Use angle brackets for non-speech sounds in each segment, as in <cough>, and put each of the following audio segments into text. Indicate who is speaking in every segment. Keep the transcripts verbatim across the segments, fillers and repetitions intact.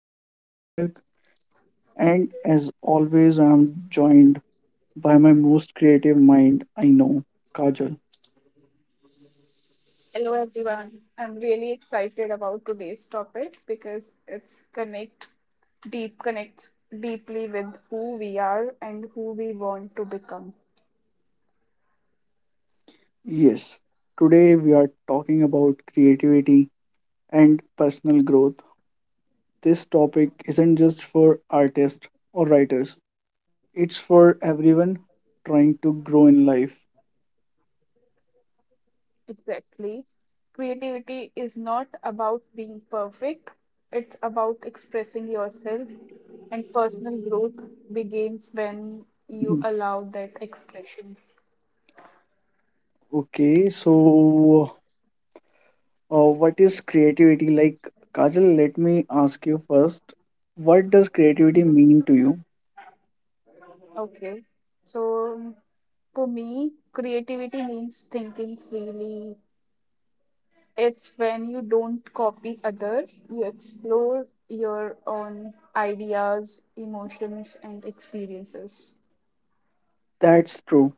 Speaker 1: I am Sarthak, and as always, I am joined by my most creative mind I know, Kajal.
Speaker 2: Hello everyone. I'm really excited about today's topic because it's connect deep connects deeply with who we are and who we want to become.
Speaker 1: Yes, today we are talking about creativity and personal growth. This topic isn't just for artists or writers, it's for everyone trying to grow in life.
Speaker 2: Exactly. Creativity is not about being perfect. It's about expressing yourself, and personal growth begins when you
Speaker 1: Mm,
Speaker 2: allow that expression.
Speaker 1: okay, so Uh, what is creativity like? Kajal, let me ask you first. What does creativity
Speaker 2: Mhm.
Speaker 1: mean to you?
Speaker 2: Okay. So for me, creativity means thinking freely. It's when you don't copy others, you explore your own ideas, emotions, and experiences.
Speaker 1: That's true.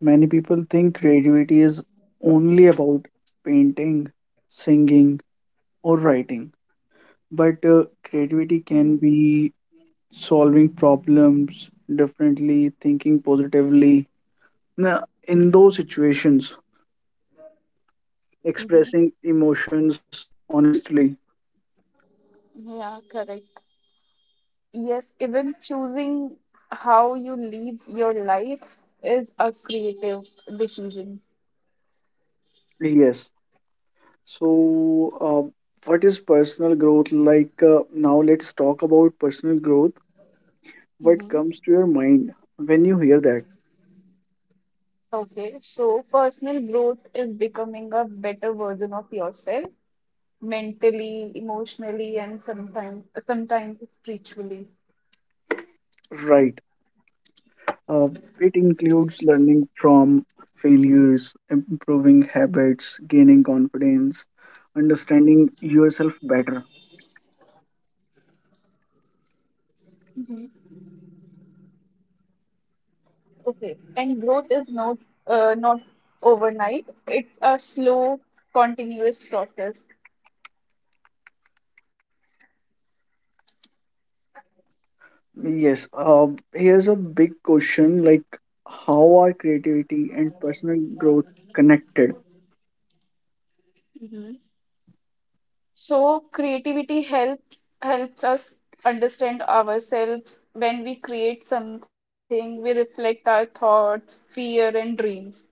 Speaker 1: Many people think creativity is only about painting, singing, or writing. But uh, creativity can
Speaker 2: Mm-hmm.
Speaker 1: be solving problems differently, thinking positively. Now, in those situations,
Speaker 2: Mm-hmm.
Speaker 1: expressing emotions honestly.
Speaker 2: Yeah, correct. Yes, even choosing how you live your life is a creative decision.
Speaker 1: Yes. So, uh, what is personal growth like? Uh, now, let's talk about personal growth. What comes
Speaker 2: Mm-hmm.
Speaker 1: to your mind when you hear that?
Speaker 2: Okay, so personal growth is becoming a better version of yourself, mentally, emotionally, and sometimes sometimes spiritually.
Speaker 1: Right. Uh, it includes learning from failures, improving habits, gaining confidence, understanding yourself better.
Speaker 2: Okay, and growth is not uh, not overnight. It's a slow, continuous process.
Speaker 1: Yes. Uh, here's a big question, like, how are creativity and personal growth connected?
Speaker 2: Hmm. So creativity help helps us understand ourselves. When we create something, we reflect our thoughts, fear, and dreams.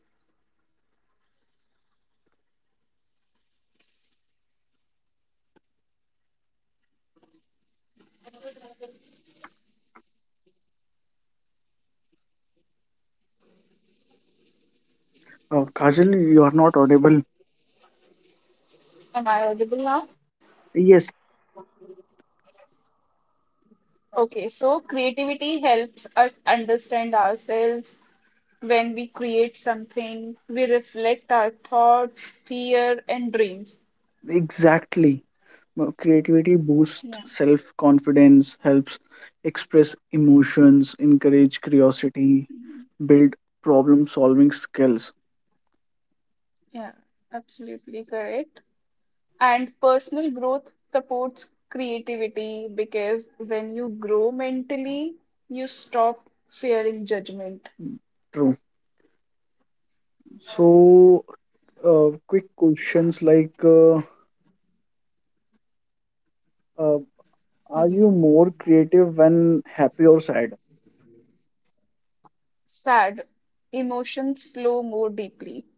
Speaker 1: Uh, Kajal, you are not audible.
Speaker 2: Am I audible now?
Speaker 1: Yes,
Speaker 2: Okay, so creativity helps us understand ourselves. When we create something, we reflect our thoughts, fear, and dreams.
Speaker 1: exactly. Well, creativity boosts
Speaker 2: Yeah.
Speaker 1: self confidence, helps express emotions, encourage curiosity, build problem solving skills.
Speaker 2: Yeah, absolutely correct. And personal growth supports creativity because when you grow mentally, you stop fearing judgment.
Speaker 1: True. So, uh, quick questions, like uh, uh, are you more creative when happy or sad?
Speaker 2: Sad, emotions flow more deeply.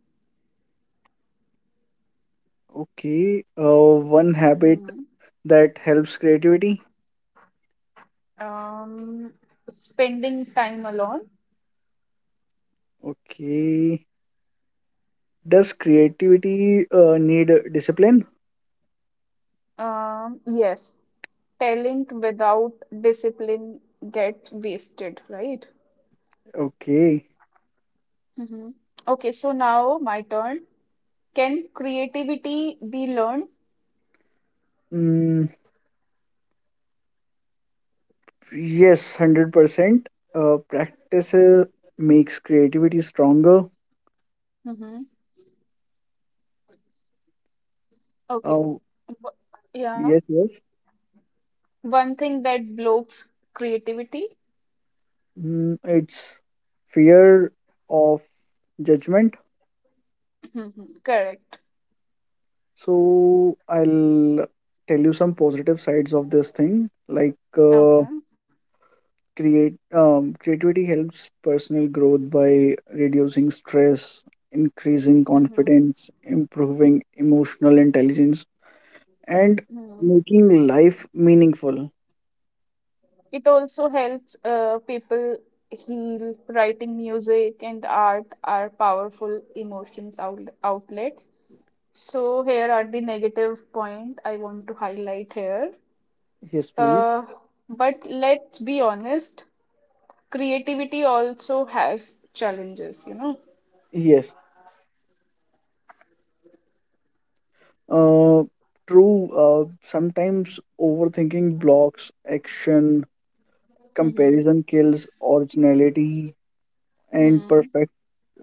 Speaker 1: Okay. Uh, one habit
Speaker 2: Mhm.
Speaker 1: that helps creativity.
Speaker 2: Um, Spending time alone.
Speaker 1: Okay. Does creativity uh, need discipline?
Speaker 2: Um, yes, talent without discipline gets wasted, right?
Speaker 1: Okay.
Speaker 2: Mhm. Okay, so now my turn. Can creativity be learned?
Speaker 1: Mm, yes, one hundred percent. Uh, practice uh, makes creativity stronger.
Speaker 2: Mm-hmm. Okay.
Speaker 1: Uh,
Speaker 2: W- Yeah.
Speaker 1: yes, yes.
Speaker 2: One thing that blocks creativity.
Speaker 1: Mm, it's fear of judgment.
Speaker 2: Hmm. Correct.
Speaker 1: So I'll tell you some positive sides of this thing. Like, uh,
Speaker 2: Okay.
Speaker 1: create um, creativity helps personal growth by reducing stress, increasing
Speaker 2: Mm-hmm.
Speaker 1: confidence, improving emotional intelligence, and
Speaker 2: Hmm.
Speaker 1: making life meaningful.
Speaker 2: It also helps uh, people heal. Writing music and art are powerful emotions out outlets. So here are the negative point I want to highlight here.
Speaker 1: Yes, please.
Speaker 2: Uh, but let's be honest, creativity also has challenges, you know.
Speaker 1: Yes, uh, true. Uh, sometimes overthinking blocks action, comparison kills originality, and
Speaker 2: Mm-hmm.
Speaker 1: perfect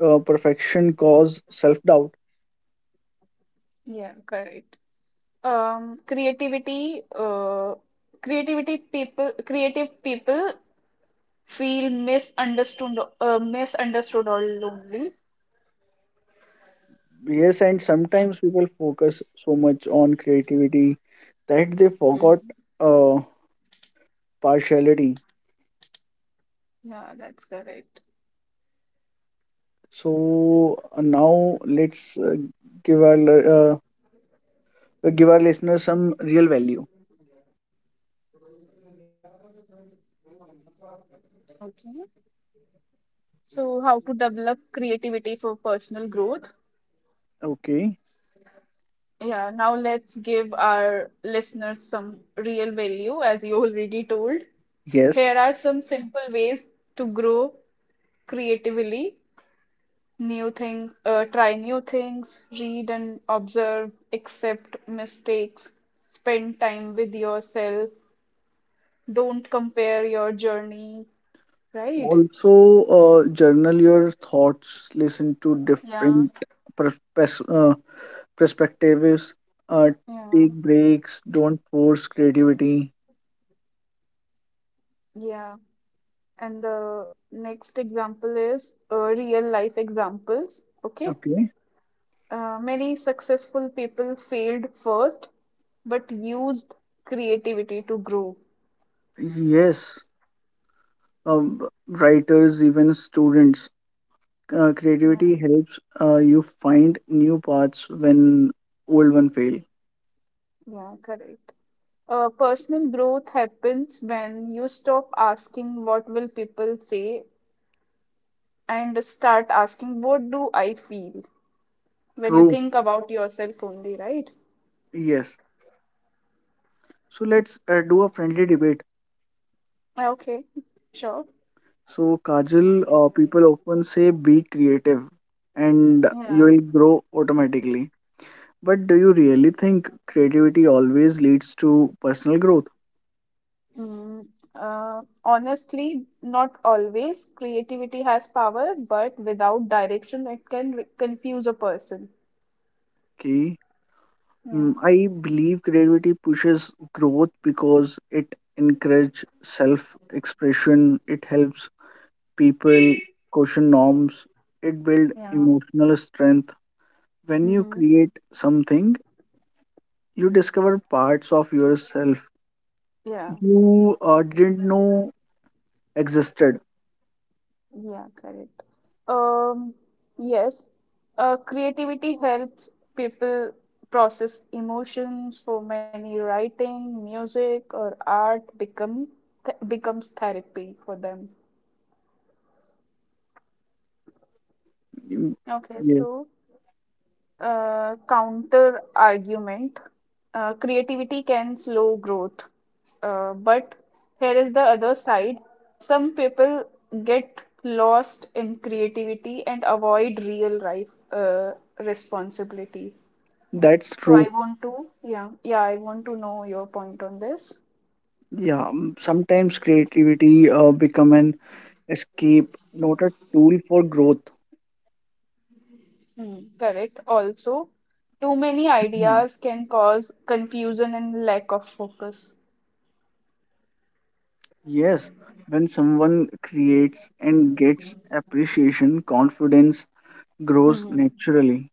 Speaker 1: uh, perfection cause self-doubt.
Speaker 2: Yeah, correct. Um, creativity, uh, creativity people, Creative people feel misunderstood, uh, misunderstood or lonely.
Speaker 1: Yes, and sometimes people focus so much on creativity that they forgot
Speaker 2: Mhm.
Speaker 1: uh, partiality.
Speaker 2: Yeah, that's correct.
Speaker 1: So, uh, now let's uh, give our li- uh, give our listeners some real value.
Speaker 2: Okay. So, how to develop creativity for personal growth?
Speaker 1: Okay.
Speaker 2: Yeah, now let's give our listeners some real value, as you already told.
Speaker 1: Yes.
Speaker 2: Here are some simple ways to grow creatively. New thing, uh, try new things, read and observe, accept mistakes, spend time with yourself, don't compare your journey, right?
Speaker 1: Also, uh, journal your thoughts, listen to
Speaker 2: Yeah.
Speaker 1: different pers- pers- uh, perspectives, uh,
Speaker 2: Yeah,
Speaker 1: take breaks, don't force creativity.
Speaker 2: yeah. And the next example is uh, real life examples. Okay.
Speaker 1: Okay.
Speaker 2: Uh, many successful people failed first, but used creativity to grow.
Speaker 1: Yes, um, writers, even students, uh,
Speaker 2: Yeah,
Speaker 1: creativity helps uh, you find new paths when old one fail.
Speaker 2: yeah, correct. Uh, personal growth happens when you stop asking what will people say and start asking what do I feel, when you
Speaker 1: True.
Speaker 2: think about yourself only, right?
Speaker 1: Yes. So let's uh, do a friendly debate.
Speaker 2: Okay, sure.
Speaker 1: So, Kajal, uh, people often say be creative and you
Speaker 2: Yeah.
Speaker 1: will grow automatically. But do you really think creativity always leads to personal growth?
Speaker 2: Mm, uh, Honestly, not always. Creativity has power, but without direction, it can re- confuse a person.
Speaker 1: Okay. Mm,
Speaker 2: Yeah.
Speaker 1: I believe creativity pushes growth because it encourages self expression, it helps people question norms, it builds
Speaker 2: Yeah.
Speaker 1: emotional strength. When you
Speaker 2: Mm-hmm.
Speaker 1: create something, you discover parts of yourself
Speaker 2: Yeah.
Speaker 1: you uh, didn't know existed.
Speaker 2: Yeah, correct. Um, yes, uh, creativity helps people process emotions. For many, writing, music, or art become th becomes therapy for them.
Speaker 1: Mm,
Speaker 2: Okay,
Speaker 1: yeah,
Speaker 2: so Uh, counter argument, uh, creativity can slow growth. Uh, but here is the other side. Some people get lost in creativity and avoid real life uh, responsibility.
Speaker 1: that's
Speaker 2: So
Speaker 1: true.
Speaker 2: I want to, yeah, yeah, I want to know your point on this.
Speaker 1: Yeah, mm, sometimes creativity uh, become an escape, not a tool for growth.
Speaker 2: Hmm, correct. Also, too many
Speaker 1: Mhm.
Speaker 2: ideas can cause confusion and lack of focus.
Speaker 1: Yes, when someone creates and gets appreciation, confidence grows naturally.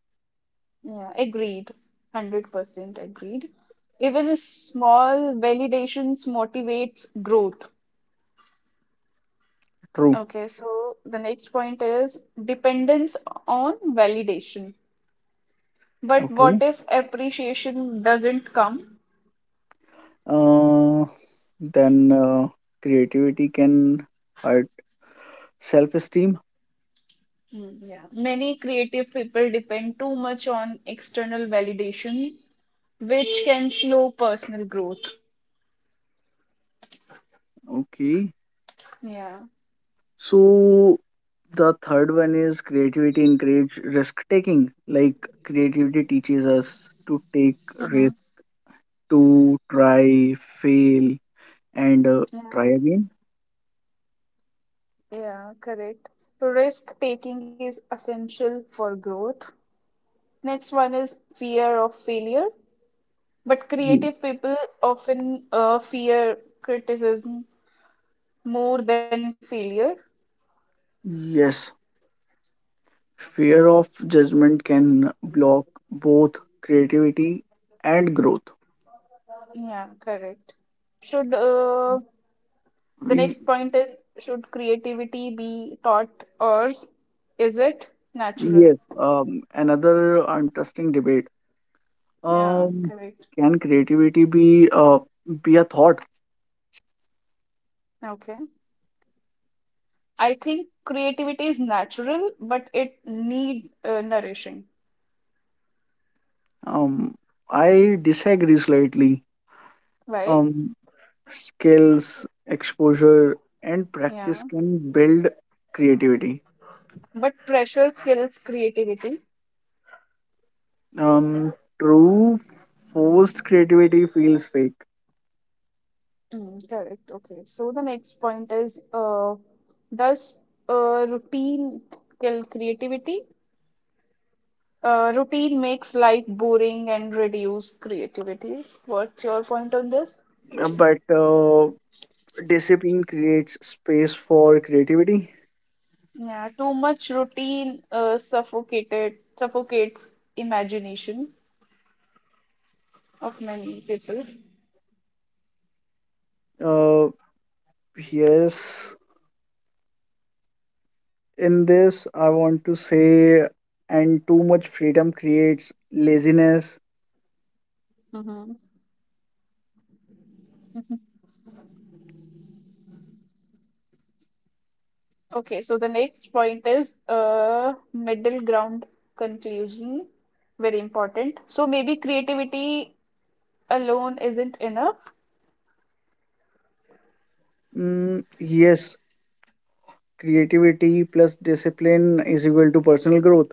Speaker 2: Yeah, agreed. one hundred percent agreed. Even a small validations motivates growth.
Speaker 1: True.
Speaker 2: Okay, so the next point is dependence on validation. But what
Speaker 1: Okay.
Speaker 2: if appreciation doesn't come?
Speaker 1: Uh, then uh, creativity can hurt self-esteem.
Speaker 2: Mm, yeah. Many creative people depend too much on external validation, which can slow personal growth.
Speaker 1: Okay.
Speaker 2: Yeah.
Speaker 1: So the third one is creativity encourage risk taking. Like creativity teaches us to take
Speaker 2: Mm-hmm.
Speaker 1: risk, to try, fail, and uh, try
Speaker 2: Yeah,
Speaker 1: again.
Speaker 2: yeah, correct. Risk taking is essential for growth. Next one is fear of failure. But
Speaker 1: Ye-
Speaker 2: creative people often uh, fear criticism more than failure.
Speaker 1: Yes, fear of judgment can block both creativity and growth.
Speaker 2: Yeah, correct. Should uh, The next
Speaker 1: We
Speaker 2: point is, should creativity be taught or is it natural?
Speaker 1: Yes, um, another interesting debate.
Speaker 2: Yeah,
Speaker 1: Um,
Speaker 2: correct.
Speaker 1: can creativity be uh, be a thought?
Speaker 2: Okay. I think creativity is natural, but it need uh, nourishing,
Speaker 1: Um, I disagree slightly,
Speaker 2: right?
Speaker 1: um, skills, exposure, and
Speaker 2: Yeah.
Speaker 1: practice can build creativity.
Speaker 2: But pressure kills creativity.
Speaker 1: Um, True, forced creativity feels fake,
Speaker 2: Mm, correct. Okay. So the next point is, uh, does uh, routine kill creativity? Uh, routine makes life boring and reduce creativity. What's your point on this?
Speaker 1: uh, but uh, discipline creates space for creativity.
Speaker 2: Yeah, too much routine uh, suffocated suffocates imagination of many people.
Speaker 1: Uh, yes, in this, I want to say, and too much freedom creates laziness.
Speaker 2: Mm-hmm. Okay, so the next point is uh, middle ground conclusion, very important. So maybe creativity alone isn't enough.
Speaker 1: Mm, yes, creativity plus discipline is equal to personal growth.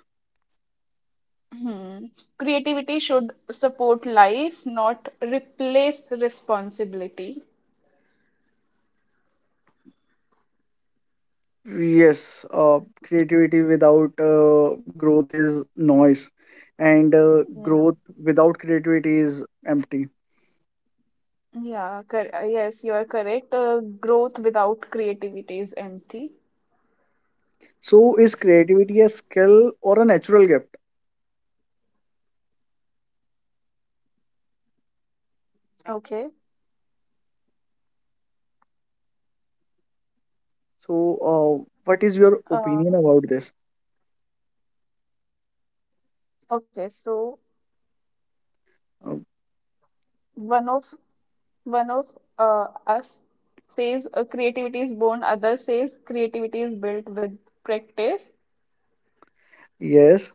Speaker 2: Hmm. Creativity should support life, not replace responsibility.
Speaker 1: Yes, uh, creativity without uh, growth is noise, and uh,
Speaker 2: Yeah.
Speaker 1: growth without creativity is empty.
Speaker 2: Yeah, cor- uh, yes, you are correct. Uh, growth without creativity is empty.
Speaker 1: So, is creativity a skill or a natural gift?
Speaker 2: Okay.
Speaker 1: So, uh, what is your opinion
Speaker 2: Uh,
Speaker 1: about this?
Speaker 2: okay, so
Speaker 1: Uh,
Speaker 2: one of one of uh, us says uh, creativity is born, other says creativity is built with practice.
Speaker 1: yes,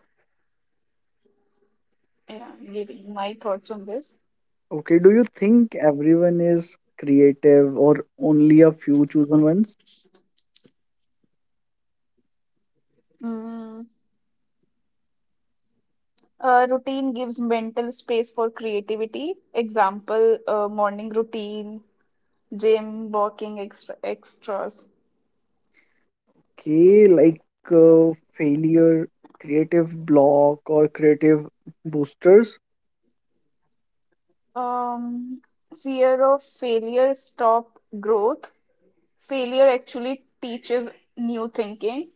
Speaker 2: Yeah, giving my thoughts on this.
Speaker 1: okay. Do you think everyone is creative or only a few chosen ones?
Speaker 2: Mm. Uh, routine gives mental space for creativity. Example, uh, morning routine, gym, walking, extra extras.
Speaker 1: Okay, like uh, failure, creative block, or creative boosters?
Speaker 2: Um, Fear of failure stop growth. Failure actually teaches new thinking.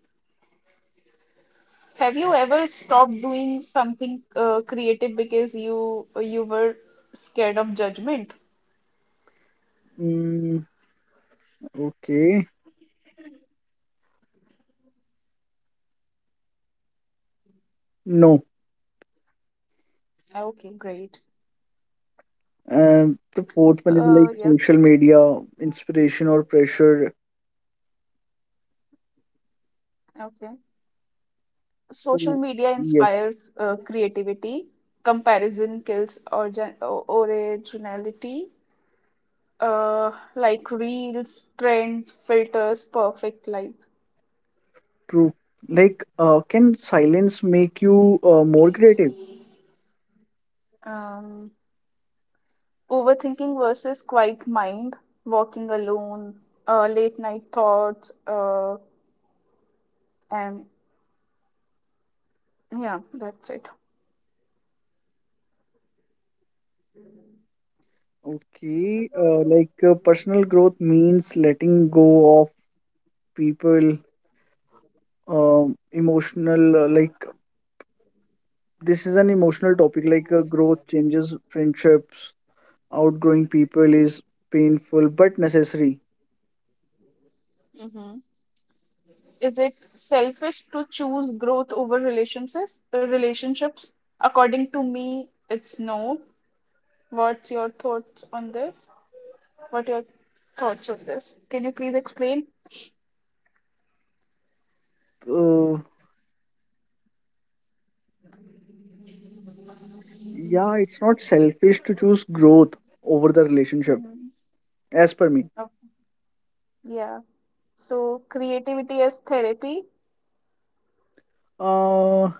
Speaker 2: Have you ever stopped doing something uh, creative because you you were scared of judgment?
Speaker 1: Mm, okay. No.
Speaker 2: Ah, okay, great.
Speaker 1: And the fourth one is
Speaker 2: Uh,
Speaker 1: like
Speaker 2: yeah,
Speaker 1: social media, inspiration or pressure.
Speaker 2: okay.
Speaker 1: So,
Speaker 2: Social media
Speaker 1: yes,
Speaker 2: inspires uh, creativity. Comparison kills orgi- o- originality. Uh, like reels, trends, filters, perfect lives.
Speaker 1: true. Like, uh, can silence make you uh, more creative?
Speaker 2: Um, Overthinking versus quiet mind, walking alone, uh, late night thoughts, uh, and yeah, that's it.
Speaker 1: Okay, uh, like uh, personal growth means letting go of people, um, emotional, uh, like, this is an emotional topic, like uh, growth changes friendships, outgrowing people is painful but necessary.
Speaker 2: Hmm. Is it selfish to choose growth over relationships? Relationships, according to me, it's no. What's your thoughts on this? What your thoughts on this? Can you please explain?
Speaker 1: Uh, yeah, it's not selfish to choose growth over the relationship.
Speaker 2: Mm-hmm.
Speaker 1: As per me,
Speaker 2: Okay. Yeah. So creativity as therapy.
Speaker 1: uh,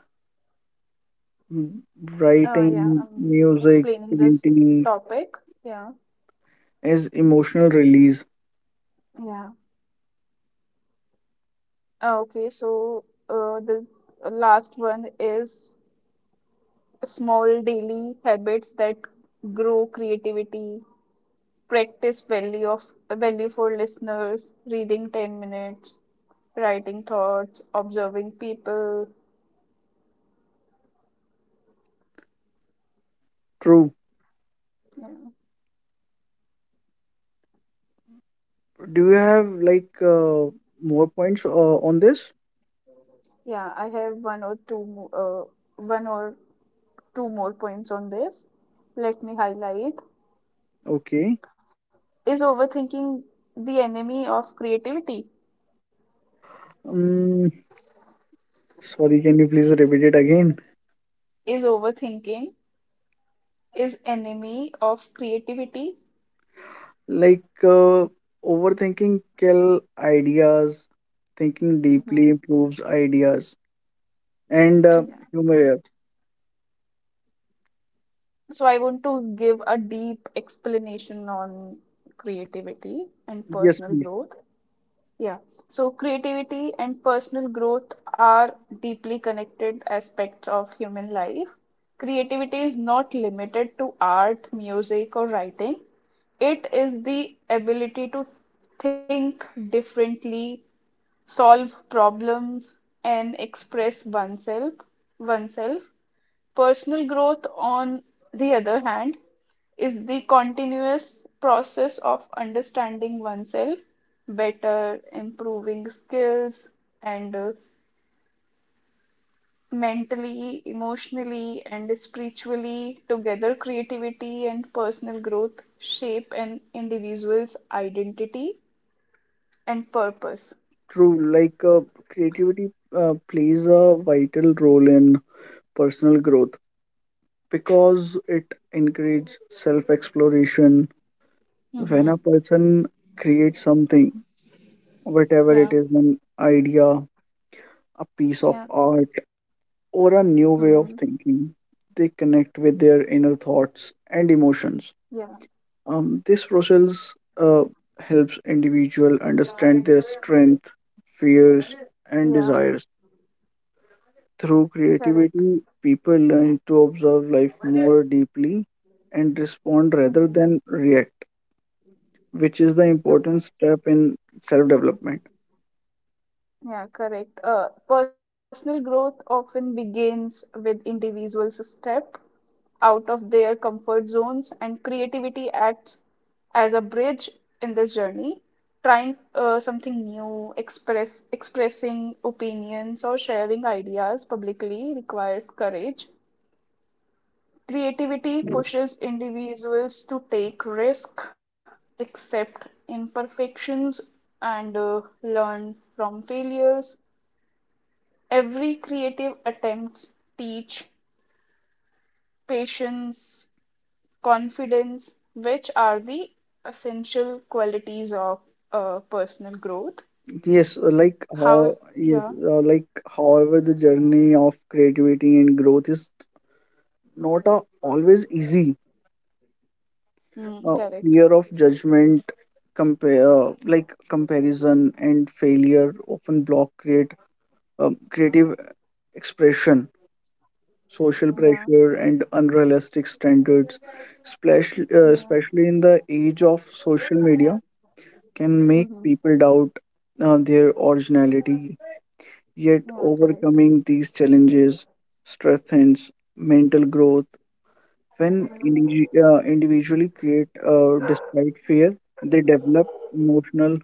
Speaker 1: m-
Speaker 2: Uh, yeah,
Speaker 1: writing,
Speaker 2: I'm
Speaker 1: music,
Speaker 2: explaining this
Speaker 1: painting
Speaker 2: topic. Yeah.
Speaker 1: is emotional release.
Speaker 2: Yeah. Uh, Okay, so uh, the last one is small daily habits that grow creativity. Practice value of value for listeners, reading ten minutes, writing thoughts, observing people,
Speaker 1: True.
Speaker 2: yeah.
Speaker 1: Do you have, like, uh, more points uh, on this?
Speaker 2: Yeah, I have one or two mo- uh, one or two more points on this, let me highlight.
Speaker 1: Okay.
Speaker 2: Is overthinking the enemy of creativity?
Speaker 1: Um, Sorry, can you please repeat it again?
Speaker 2: Is overthinking is enemy of creativity.
Speaker 1: Like, uh, overthinking kill ideas. Thinking deeply
Speaker 2: Hmm.
Speaker 1: improves ideas and uh,
Speaker 2: Yeah,
Speaker 1: humor. here.
Speaker 2: correct. So I want to give a deep explanation on creativity and
Speaker 1: Yes,
Speaker 2: personal
Speaker 1: please.
Speaker 2: growth. Yeah. So creativity and personal growth are deeply connected aspects of human life. Creativity is not limited to art, music, or writing. It is the ability to think differently, solve problems, and express oneself, oneself. Personal growth, on the other hand, is the continuous process of understanding oneself better, improving skills, and uh, mentally, emotionally, and spiritually. Together, creativity and personal growth shape an individual's identity and purpose.
Speaker 1: True. Like, uh, creativity uh, plays a vital role in personal growth because it encourages self exploration. When a
Speaker 2: Mm-hmm.
Speaker 1: person creates something, whatever it
Speaker 2: Yeah,
Speaker 1: is, an idea, a piece of
Speaker 2: yeah,
Speaker 1: art, or a new way
Speaker 2: mm-hmm.
Speaker 1: of thinking, they connect with their inner thoughts and emotions.
Speaker 2: Yeah,
Speaker 1: Um, this process uh, helps individual understand their strength, fears, and
Speaker 2: yeah,
Speaker 1: desires. Through
Speaker 2: correct.
Speaker 1: creativity, people learn to observe life more deeply and respond rather than
Speaker 2: Mm-hmm.
Speaker 1: react, which is the important
Speaker 2: Okay.
Speaker 1: step in self development.
Speaker 2: Yeah, correct. Uh, personal growth often begins with individuals who step out of their comfort zones, and creativity acts as a bridge in this journey, trying uh, something new, express expressing opinions or sharing ideas publicly requires courage. Creativity pushes individuals to take risk, accept imperfections, and uh, learn from failures. Every creative attempt teach patience, confidence, which are the essential qualities of uh, personal growth.
Speaker 1: Yes, uh, like, how?
Speaker 2: How,
Speaker 1: Yes,
Speaker 2: yeah,
Speaker 1: uh, like, however, the journey of creativity and growth is not uh, always easy.
Speaker 2: mm,
Speaker 1: Uh,
Speaker 2: correct.
Speaker 1: fear of judgment, compare like comparison and failure often block create um, creative expression. Social
Speaker 2: Yeah,
Speaker 1: pressure and unrealistic standards, especially uh,
Speaker 2: yeah,
Speaker 1: especially in the age of social media, can make
Speaker 2: mm-hmm.
Speaker 1: people doubt uh, their originality, yet
Speaker 2: Yeah, correct.
Speaker 1: overcoming these challenges strengthens mental growth. When indi- uh, individually create uh, despite fear, they develop emotional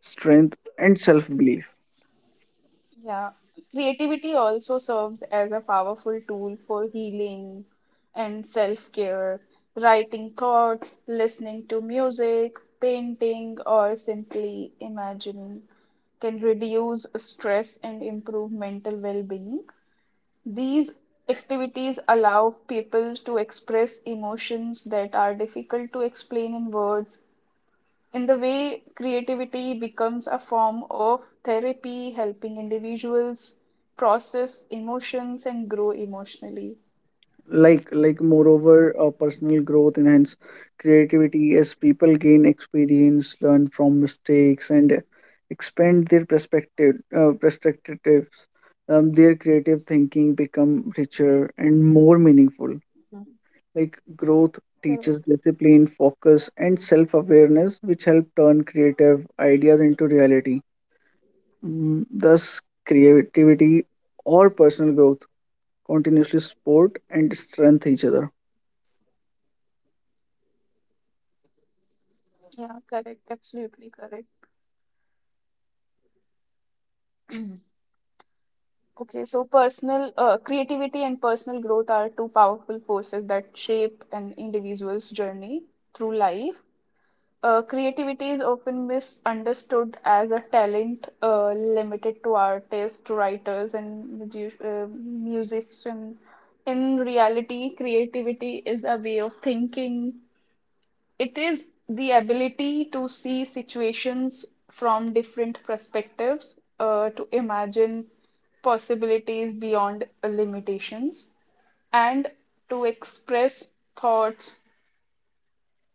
Speaker 1: strength and self-belief.
Speaker 2: Yeah, creativity also serves as a powerful tool for healing and self-care. Writing thoughts, listening to music, painting, or simply imagining can reduce stress and improve mental well-being. These activities allow people to express emotions that are difficult to explain in words. In the way, creativity becomes a form of therapy, helping individuals process emotions and grow emotionally.
Speaker 1: like like moreover, uh, personal growth enhance creativity as people gain experience, learn from mistakes and expand their perspective uh, perspectives. Um, their creative thinking become richer and more meaningful, like growth teaches
Speaker 2: Correct.
Speaker 1: discipline, focus and self-awareness, which help turn creative ideas into reality. Mm, thus creativity or personal growth continuously support and strengthen each other,
Speaker 2: Yeah, correct. Absolutely correct. Okay, so personal uh, creativity and personal growth are two powerful forces that shape an individual's journey through life. Uh, creativity is often misunderstood as a talent uh, limited to artists, writers, and musi- uh, musicians. In reality, creativity is a way of thinking. It is the ability to see situations from different perspectives, uh, to imagine possibilities beyond limitations, and to express thoughts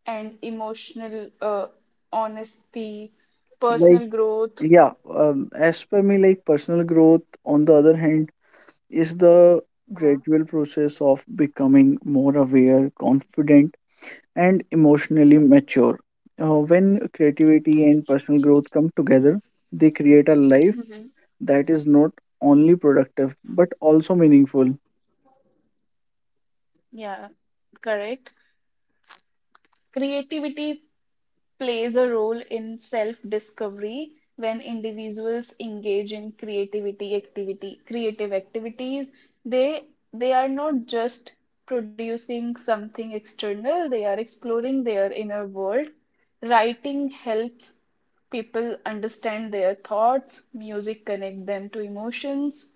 Speaker 2: and emotional uh, honesty,
Speaker 1: like,
Speaker 2: personal growth.
Speaker 1: yeah. um, as per me, like personal growth, on the other hand, is the
Speaker 2: Yeah.
Speaker 1: gradual process of becoming more aware, confident, and emotionally mature. Uh, when creativity and personal growth come together, they create a life that is not only productive but also meaningful.
Speaker 2: Yeah, correct. Creativity plays a role in self-discovery when individuals engage in creativity activity, creative activities. They they are not just producing something external, they are exploring their inner world. Writing helps people understand their thoughts, music connect them to emotions.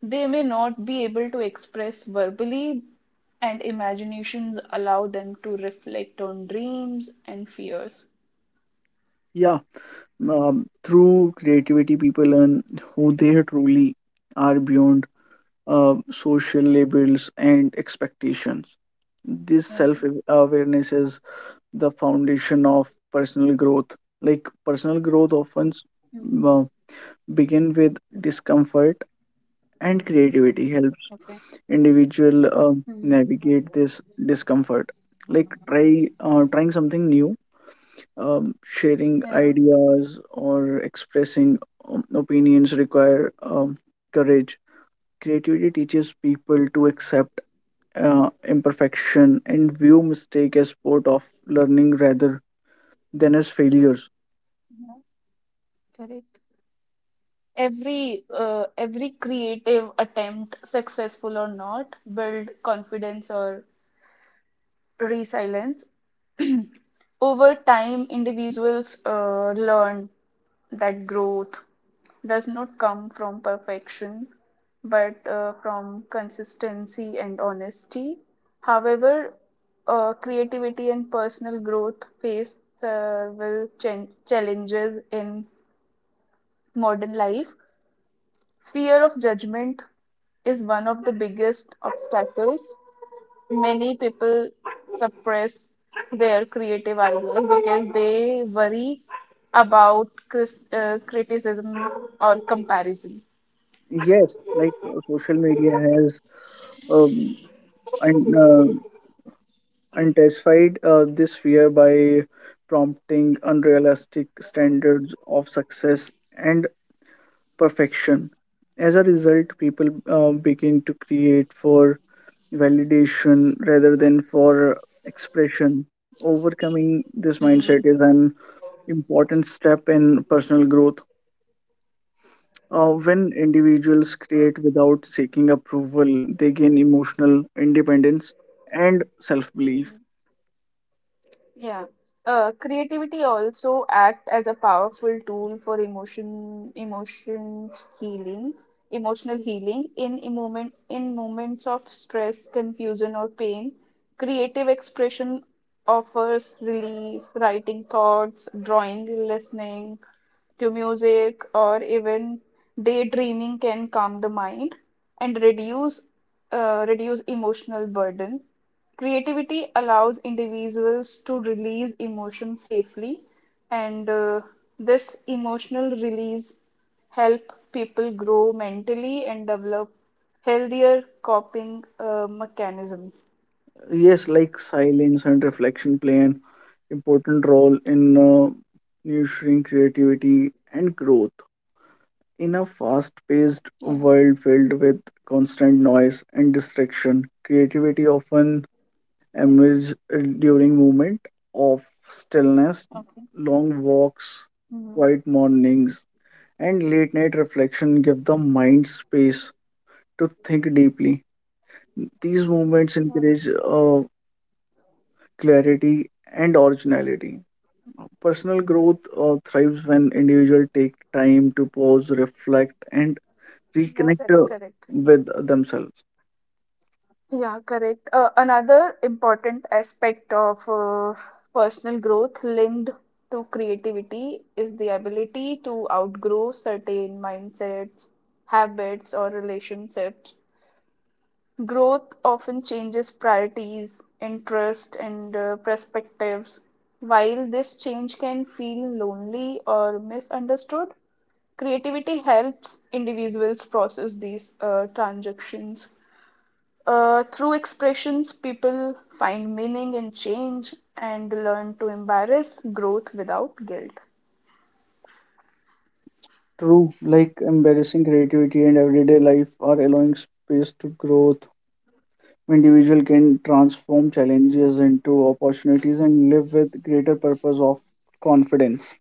Speaker 2: They may not be able to express verbally, and imaginations allow them to reflect on dreams and fears.
Speaker 1: Yeah, um, through creativity, people learn who they truly are beyond uh, social labels and expectations. This self
Speaker 2: Yeah.
Speaker 1: awareness is the foundation of personal growth, like personal growth
Speaker 2: Mm-hmm.
Speaker 1: often s- uh, begin with discomfort and creativity
Speaker 2: Okay.
Speaker 1: helps individual
Speaker 2: Mm-hmm.
Speaker 1: uh, navigate this discomfort, like try uh, trying something new, um, sharing
Speaker 2: Yeah,
Speaker 1: ideas or expressing, um, opinions require, um, courage. Creativity teaches people to accept uh, imperfection and view mistake as part of learning rather than as failures.
Speaker 2: correct. Every uh, every creative attempt, successful or not, build confidence or resilience. <clears throat> Over time, individuals uh, learn that growth does not come from perfection, but uh, from consistency and honesty. However, uh, creativity and personal growth face several ch- challenges in modern life. Fear of judgment is one of the biggest obstacles. Many people suppress their creative ideas because they worry about cris- uh, criticism or comparison.
Speaker 1: Yes, like uh, social media has um, un- uh, intensified uh, this fear by prompting unrealistic standards of success and perfection. As a result, people uh, begin to create for validation rather than for expression. Overcoming this
Speaker 2: Mhm.
Speaker 1: mindset is an important step in personal growth. Uh, when individuals create without seeking approval, they gain emotional independence and self belief.
Speaker 2: Yeah. Uh, creativity also act as a powerful tool for emotion, emotion healing. Emotional healing In a moment in moments of stress, confusion, or pain. Creative expression offers relief, writing thoughts, drawing, listening to music, or even daydreaming can calm the mind and reduce uh, reduce emotional burden. Creativity allows individuals to release emotion safely, and uh, this emotional release help people grow mentally and develop healthier coping uh, mechanism.
Speaker 1: Yes, like silence and reflection play an important role in uh, nurturing creativity and growth. In a
Speaker 2: Yeah.
Speaker 1: fast paced world filled with constant noise and distraction, creativity
Speaker 2: Yeah.
Speaker 1: often emerge uh, during moment of
Speaker 2: Okay.
Speaker 1: stillness, long walks,
Speaker 2: Hmm.
Speaker 1: quiet mornings, and late night reflection give the mind space to think deeply. These
Speaker 2: Yeah.
Speaker 1: moments encourage uh, clarity and originality. Personal growth uh, thrives when individuals take time to pause, reflect, and
Speaker 2: Yeah,
Speaker 1: reconnect
Speaker 2: that's
Speaker 1: uh,
Speaker 2: correct.
Speaker 1: with themselves.
Speaker 2: Yeah, correct. Uh, another important aspect of uh, personal growth linked to creativity is the ability to outgrow certain mindsets, habits, or relationships. Growth often changes priorities, interests, and uh, perspectives. While this change can feel lonely or misunderstood, creativity helps individuals process these uh, transactions. Uh, through expressions, people find meaning in change and learn to embrace growth without guilt.
Speaker 1: True, like embarrassing creativity and everyday life are allowing space to growth, individual can transform challenges into opportunities and live with greater purpose of confidence.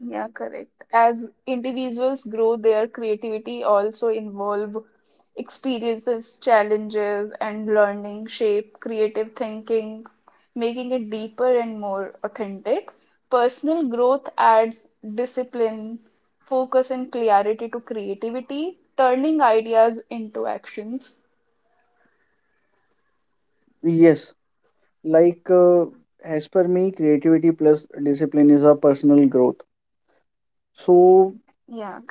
Speaker 2: Yeah, correct. As individuals grow, their creativity also involve experiences, challenges, and learning shape creative thinking, making it deeper and more authentic. Personal growth adds discipline, focus, and clarity to creativity, turning ideas into actions.
Speaker 1: Yes, like, uh, as per me, creativity plus discipline is a personal growth. So
Speaker 2: Yeah, correct.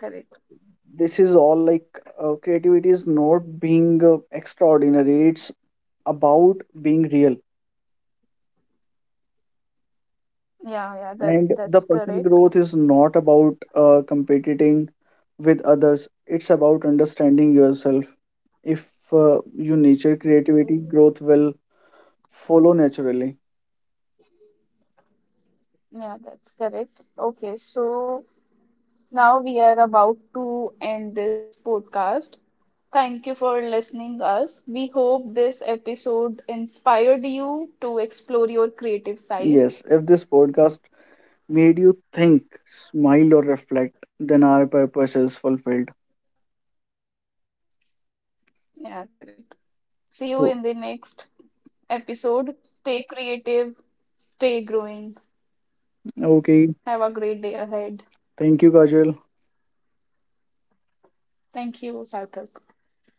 Speaker 1: this is all, like, uh, creativity is not being uh, extraordinary. It's about being real.
Speaker 2: Yeah, yeah, that that's correct.
Speaker 1: And the personal growth is not about uh, competing with others, it's about understanding yourself. If uh, you nature creativity, growth will follow naturally.
Speaker 2: Yeah, that's correct. Okay, so now we are about to end this podcast. Thank you for listening us. We hope this episode inspired you to explore your creative side.
Speaker 1: Yes, if this podcast made you think, smile, or reflect, then our purpose is fulfilled.
Speaker 2: Yeah, correct. See you
Speaker 1: So,
Speaker 2: in the next episode. Stay creative, stay growing.
Speaker 1: okay,
Speaker 2: Have a great day ahead.
Speaker 1: thank you, Kajal.
Speaker 2: Thank you, Sarthak.